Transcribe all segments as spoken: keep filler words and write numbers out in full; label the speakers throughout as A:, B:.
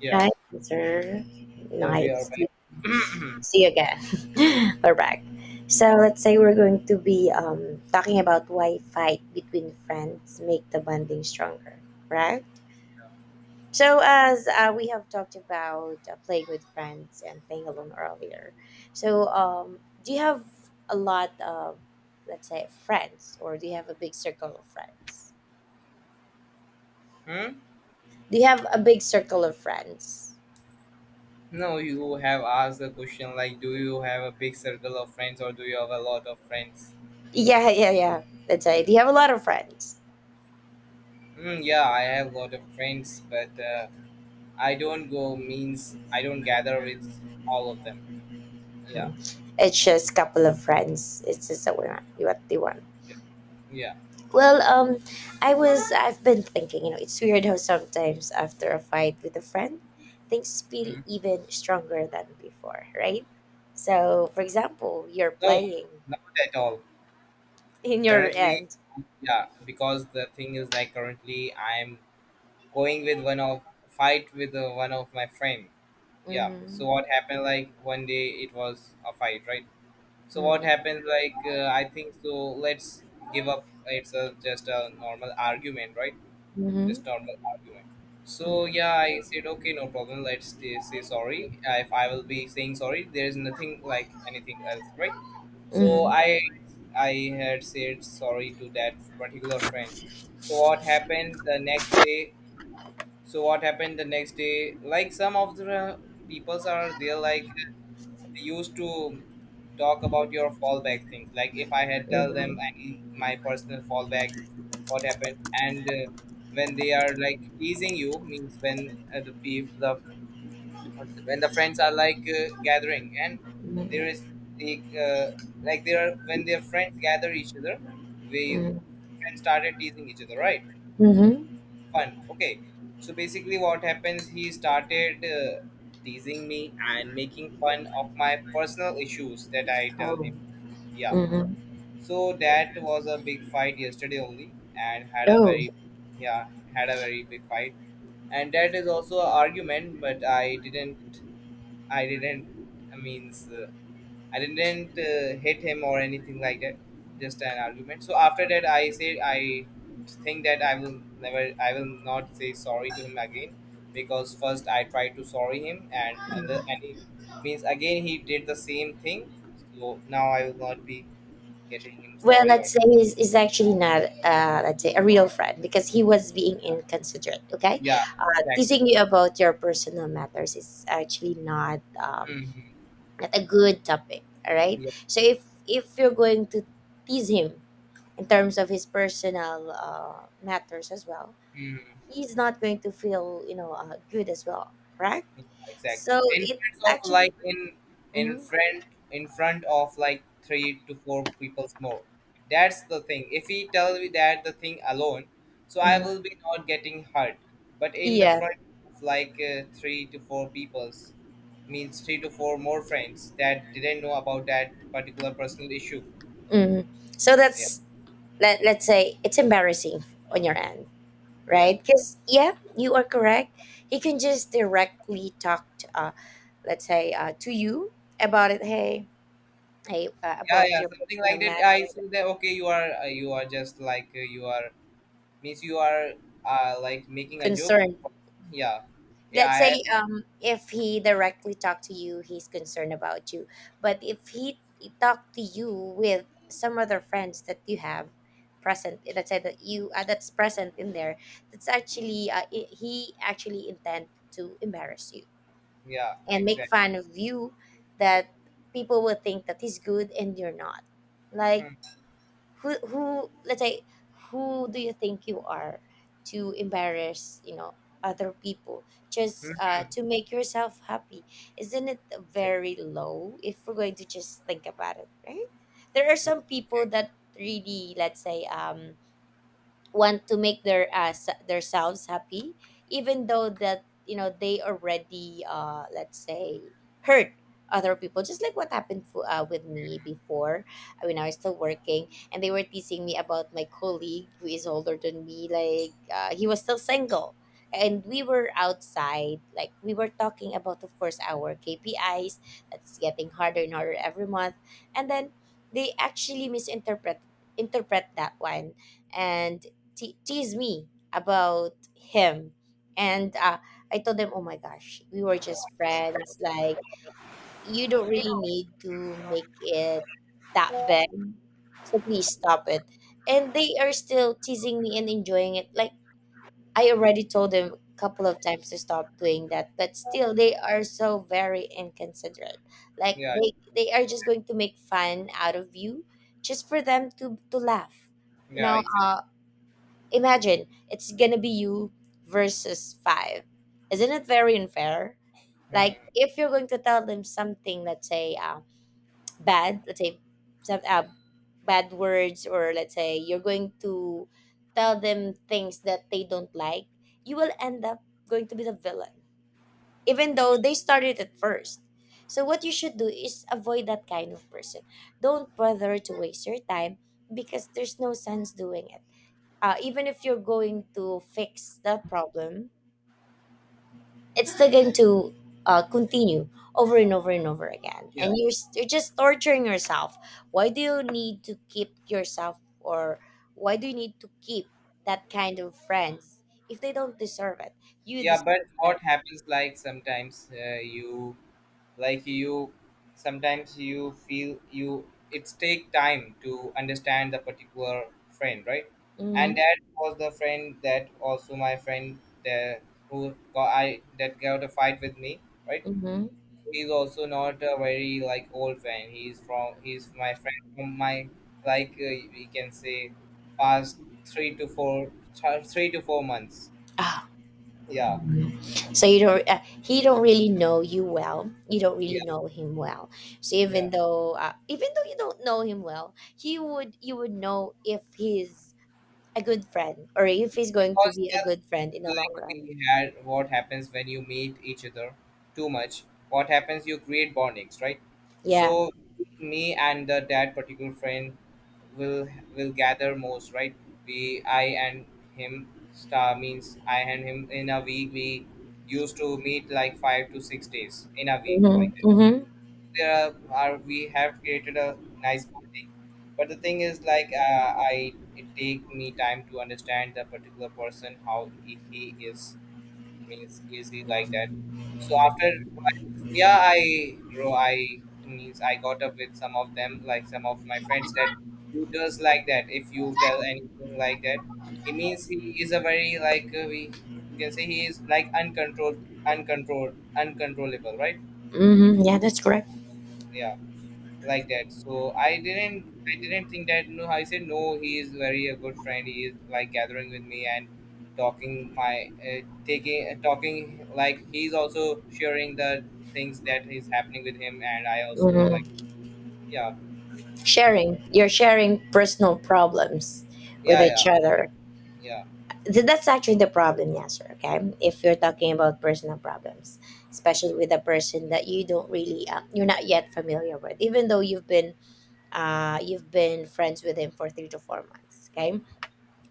A: Yeah,
B: Hi, sir.
A: so we are
B: Nice to
A: back.
B: see you again. We're back. So let's say we're going to be um, talking about why fight between friends make the bonding stronger, right? So as uh, we have talked about uh, playing with friends and playing alone earlier, so um, do you have a lot of, let's say, friends, or do you have a big circle of friends?
A: Hmm?
B: Do you have a big circle of friends?
A: No, you have asked a question like, do you have a big circle of friends or do you have a lot of friends?
B: Yeah, yeah, yeah. Let's say, do you have a lot of friends?
A: Hmm, yeah, I have a lot of friends, but uh, I don't go means I don't gather with all of them. Yeah,
B: It's just a couple of friends. It's just that we're not what they want.
A: yeah, yeah.
B: Well, um, I was I've been thinking, you know, it's weird how sometimes after a fight with a friend, things feel
A: Hmm.
B: even stronger than before, right? So, for example, you're
A: No,
B: playing
A: not at all.
B: in your
A: Currently,
B: end.
A: yeah, because the thing is like currently I'm going with one of fight with uh, one of my friend. Yeah. So
B: Mhm.
A: what happened like one day it was a fight, right? So what
B: Mhm.
A: happens? Like uh, I think so. Let's give up. It's a, just a normal argument, right? Just normal argument. So
B: Mhm.
A: yeah, I said okay, no problem. Let's t- say sorry. Uh, If I will be saying sorry, there is nothing like anything else, right?
B: Mhm.
A: So
B: Mhm.
A: I I had said sorry to that particular friend. So what happened the next day? So what happened the next day? Like some of the peoples are there, like used to talk about your fallback things. Like if I had tell them
B: Mhm.
A: any my personal fallback, what happened, and uh, when they are like teasing you means when uh, the people the when the friends are like uh, gathering and there is
B: Mhm.
A: the uh, like there are when their friends gather each other, we friends started teasing each other, right?
B: Mhm. Mhm.
A: Fun. Okay, so basically, what happens? He started uh, teasing me and making fun of my personal issues that I tell
B: Oh.
A: him. Yeah,
B: Mhm.
A: so that was a big fight yesterday only, and had a
B: Oh.
A: very yeah had a very big fight, and that is also an argument. But I didn't I didn't I means uh, I didn't uh, hit him or anything like that. Just an argument. So after that, I said I think that I will never, I will not say sorry to him again because first I tried to sorry him and and, the, and he means again he did the same thing. So now I will not be getting him
B: Well,
A: sorry or
B: let's say is is actually not, uh, let's say, a real friend because he was being
A: yeah,
B: inconsiderate. Okay,
A: yeah,
B: uh,
A: exactly.
B: teasing you about your personal matters is actually not um,
A: Mhm.
B: not a good topic. All right.
A: Yeah.
B: So if if you're going to tease him in terms of his personal uh, matters as well,
A: Mhm.
B: he's not going to feel you know uh, good as well. Correct.
A: Exactly,
B: So
A: and
B: it
A: it's of
B: actually.
A: like in in
B: Mm-hmm.
A: front in front of like three to four people's more. That's the thing, if he tells me that the thing alone, so I will be not getting hurt, but in the
B: Mm.
A: front of like uh, three to four people's means three to four more friends that didn't know about that particular personal issue.
B: Mhm. So
A: Yeah,
B: that's let, let's say it's embarrassing on your end,
A: yeah,
B: right? Because yeah, you are correct. He can just directly talk to, uh, let's say, uh, to you about it. Hey, hey, uh,
A: yeah,
B: about
A: yeah,
B: your
A: something like
B: personal
A: that.
B: matter
A: I see that, okay, you are uh, you are just like uh, you are means you are uh, like making a joke.
B: concern.
A: Yeah,
B: Let's say
A: yeah, I,
B: um if he directly talked to you, he's concerned about you, but if he talked to you with some other friends that you have present, let's say that you uh, that's present in there, that's actually uh, i- he actually intend to embarrass you
A: yeah,
B: and make
A: exactly.
B: fun of you, that people will think that he's good and you're not, like
A: Hmm.
B: who who, let's say, who do you think you are to embarrass you know other people just
A: Hmm.
B: uh, to make yourself happy. Isn't it
A: Exactly.
B: very low if we're going to just think about it, right? There are
A: Yeah,
B: some people
A: exact-
B: that really, let's say, um want to make their uh, s- themselves happy, even though that you know they already uh let's say hurt other people, just like what happened fo- uh, with me before. Uh, when I was still working, and they were teasing me about my colleague who is older than me, like uh, he was still single, and we were outside, like we were talking about, of course, our K P Is that's getting harder and harder every month, and then they actually misinterpret interpret that one, and te- tease me about him. And uh, I told them, oh my gosh, we were just friends, like you don't really need to make it that big, so please stop it. And they are still teasing me and enjoying it, like I already told them a couple of times to stop doing that, but still they are so very inconsiderate, like
A: yeah,
B: they they are just going to make fun out of you, just for them to to laugh you
A: yeah,
B: know
A: exactly.
B: uh, Imagine it's gonna be you versus five. Isn't it very unfair? Like
A: Hmm.
B: if you're going to tell them something, let's say uh, bad, let's say some uh, bad words, or let's say you're going to tell them things that they don't like, you will end up going to be the villain, even though they started it first. So what you should do is avoid that kind of person. Don't bother to waste your time, because there's no sense doing it, uh, even if you're going to fix that problem, it's still going to uh, continue over and over and over again.
A: Yeah,
B: And you're, s- you're just torturing yourself. Why do you need to keep yourself, or why do you need to keep that kind of friends if they don't deserve it? You
A: yeah, but
B: deserve it.
A: what happens like sometimes uh, you like you sometimes you feel you it's take time to understand the particular friend, right? And
B: Mm-hmm.
A: that was the friend that also my friend the who got I that got a fight with me, right?
B: Mm-hmm.
A: He's also not a very like old fan. He's from he's my friend from my like uh, we can say past three to four th- three to four months.
B: Ah,
A: Yeah,
B: so you don't uh, he don't really know you well, you don't
A: yeah,
B: really know him well, so
A: yeah.
B: even though uh, even though you don't know him well, he would you would know if he's a good friend or if he's going to
A: Because
B: be a good friend in the long
A: like
B: run.
A: we had what happens when you meet each other too much, what happens you create bondings, right?
B: Yeah.
A: So me and the, that particular friend will will gather most, right? We I and him star means I and him in a week we used to meet like five to six days in a week like that.
B: Mm-hmm, mm-hmm,
A: There are we have created a nice bonding, but the thing is like uh, I it take me time to understand the particular person how he he is means easy like that. So after while- yeah, I grow. I means I got up with some of them, like some of my friends that who does like that. If you tell anything like that, it means he is a very like uh, we you can say he is like uncontrolled, uncontrolled, uncontrollable, right?
B: mm-hmm. Yeah, that's correct.
A: Yeah, like that. So I didn't I didn't think that no I said no he is very a good friend he is like gathering with me and talking my uh, taking uh, talking like he's also sharing the things that is happening with him and I also like
B: Hmm.
A: yeah
B: sharing You're sharing personal problems with
A: yeah, yeah,
B: each other.
A: yeah,
B: Th- that's actually the problem, Yasser, okay? If you're talking about personal problems, especially with a person that you don't really, uh, you're not yet familiar with, even though you've been, uh, you've been friends with him for three to four months, okay?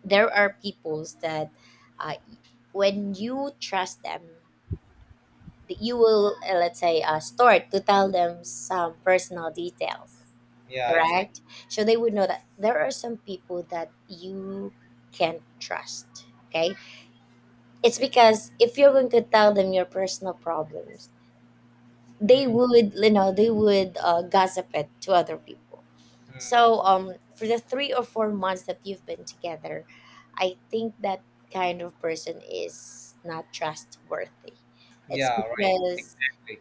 B: There are peoples that, uh, when you trust them, that you will, uh, let's say, uh, start to tell them some personal details,
A: yeah, exactly.
B: correct? So they would know that there are some people that you can't trust. Okay. It's because if you're going to tell them your personal problems, they
A: Hmm.
B: would, you know, they would uh, gossip it to other people.
A: Hmm.
B: So, um, for the three or four months that you've been together, I think that kind of person is not trustworthy. It's
A: Yeah, right,
B: because
A: exactly.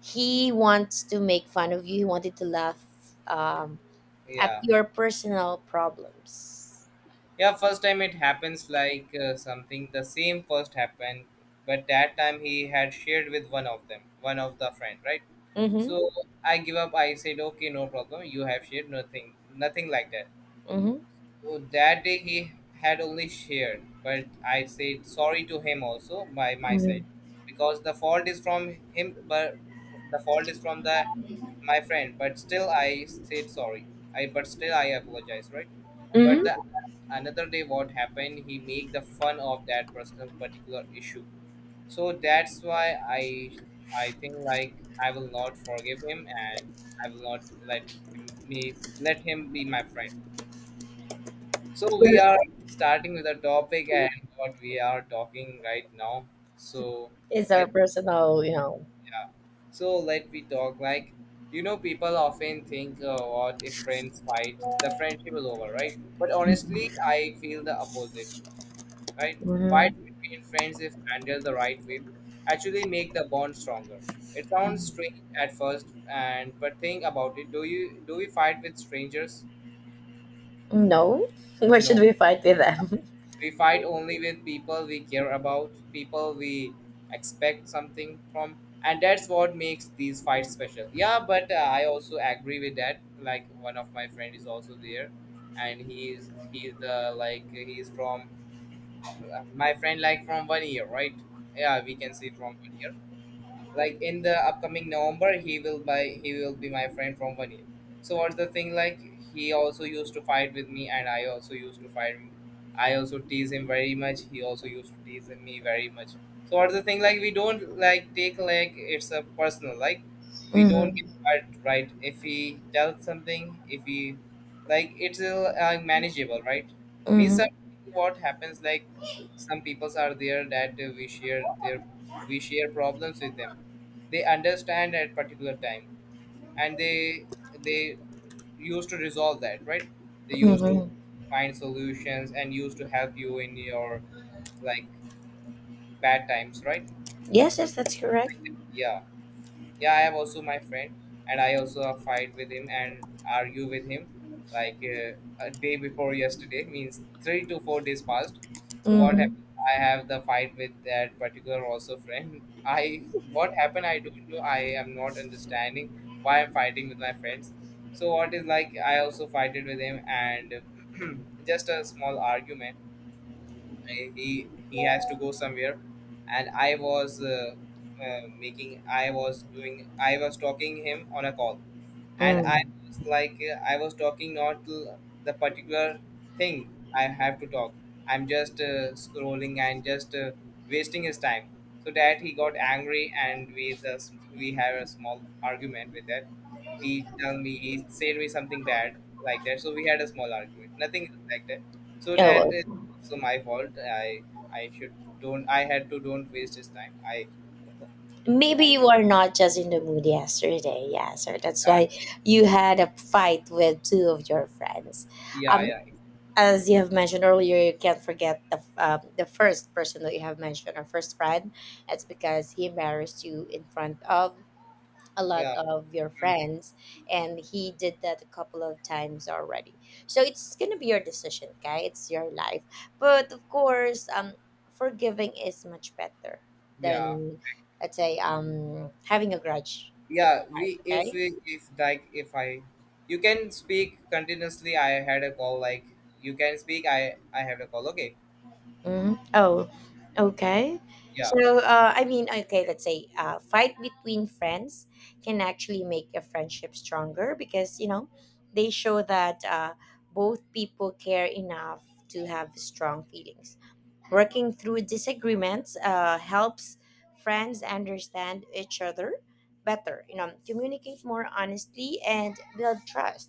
B: he wants to make fun of you. He wanted to laugh um, at
A: Yeah,
B: your personal problems.
A: yeah, first time it happens like uh, something the same first happened, but that time he had shared with one of them one of the friend, right?
B: Mm-hmm.
A: So I give up. I said, okay, no problem. You have shared nothing, nothing like that. So that day he had only shared, but I said sorry to him also by my
B: Mm-hmm.
A: side, because the fault is from him, but the fault is from the my friend. But still, I said sorry. I but still I apologize, right? But the
B: Mm-hmm.
A: another day, what happened? He make the fun of that personal particular issue, so that's why I I think like I will not forgive him and I will not let him, me let him be my friend. So we
B: Well,
A: are starting with a topic and what we are talking right now. So
B: it's our
A: let
B: personal, you know.
A: yeah. So let we talk like you know people often think uh, what if friends fight the friendship is over, right? But honestly I feel the opposite, right? Fight
B: Mhm.
A: between friends, if handled the right way, actually make the bond stronger. It sounds
B: Mhm.
A: strange at first, and but think about it. Do you do we fight with strangers?
B: No. Why should
A: No,
B: we fight with them?
A: we fight only with people we care about, people we expect something from, and that's what makes these fights special. Yeah, but uh, I also agree with that. Like one of my friend is also there, and he's he's the like he's from my friend like from one year, right? Yeah, we can say from one year, like in the upcoming November, he will buy. He will be my friend from one year. So what's the thing like? He also used to fight with me, and I also used to fight him. I also tease him very much. He also used to tease me very much. So what's the thing like? We don't like take like it's a personal like. We don't get
B: Mhm.
A: hurt, right? If he tells something, if he like it's uh, uh, manageable, right? Means
B: Mhm.
A: some- what happens like some peoples are there that uh, we share their we share problems with them, they understand at particular time, and they they used to resolve that, right? They used to
B: Mhm.
A: find solutions and used to help you in your like bad times, right?
B: Yes,
A: So
B: yes, that's
A: things
B: correct.
A: like that. Yeah, yeah, I have also my friend and I also have fight with him and argue with him like uh, a day before yesterday means three to four days past. So what
B: Mhm.
A: happened, I have the fight with that particular also friend. I what happened I don't know, I am not understanding why I'm fighting with my friends. So what is like I also fighted with him and just a small argument. I- he he has to go somewhere, and I was uh, uh, making I was doing I was talking him on a call, and I
B: Mm.
A: was like, uh, I was talking not to the particular thing I have to talk. I'm just uh, scrolling and just uh, wasting his time. So that he got angry, and we the s- we had a small argument with that. He told me he said me something bad like that. So we had a small argument. Nothing like that. So
B: Oh,
A: that is
B: well,
A: also my fault. I I should don't. I had to don't waste his time. I
B: maybe
A: I,
B: you are not just in the mood yesterday. Yeah, so that's
A: I
B: why you had a fight with two of your friends.
A: yeah,
B: Um,
A: yeah,
B: as you have mentioned earlier, you can't forget the um, the first person that you have mentioned, our first friend. That's because he embarrassed you in front of a lot
A: yeah.
B: of your
A: Mm,
B: friends, and he did that a couple of times already, so it's gonna be your decision. Okay, it's your life, but of course, um forgiving is much better
A: yeah,
B: than, let's say, um having a grudge in your
A: yeah,
B: heart.
A: we if
B: Okay.
A: we if like if I you can speak continuously I had a call like, you can speak i i had a call, okay?
B: Mm. Oh, okay.
A: Yeah,
B: So, uh, I mean, okay, let's say uh, fight between friends can actually make a friendship stronger because, you know, they show that uh, both people care enough to have strong feelings. Working through disagreements uh, helps friends understand each other better, you know, communicate more honestly and build trust.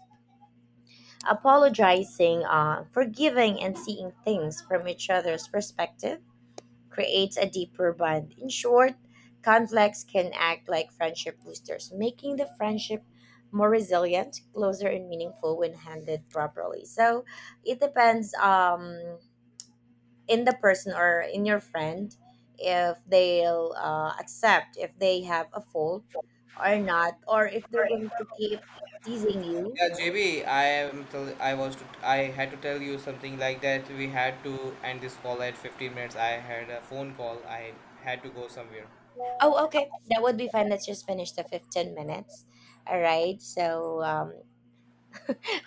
B: Apologizing, uh, forgiving, and seeing things from each other's perspective creates a deeper bond. In short, conflicts can act like friendship boosters, making the friendship more resilient, closer, and meaningful when handled properly. So it depends um, in the person or in your friend, if they'll uh, accept if they have a fault or not, or if they're going to keep teasing you.
A: yeah, JB, I am tell, I was to, I had to tell you something like that, we had to end this call at fifteen minutes, I had a phone call, I had to go somewhere.
B: Oh, okay. That would be fine. Let's just finish the fifteen minutes. All right. So, um,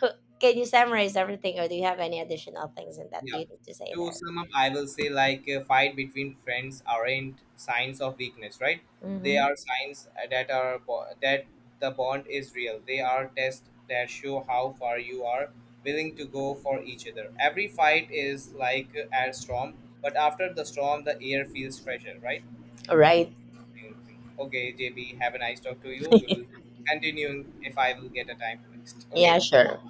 B: Who- Can you summarize everything, or do you have any additional things in that
A: Yeah.
B: you need to say
A: To
B: there?
A: sum up, I will say like a fight between friends aren't signs of weakness, right? They
B: Mm-hmm.
A: are signs uh, that are bo- that the bond is real. They are tests that show how far you are willing to go for each other. Every fight is like a storm, but after the storm, the air feels fresher, right?
B: All right.
A: I okay, J B, have a nice talk to you. We will continue if I will get a time next.
B: Yeah,
A: Okay.
B: sure.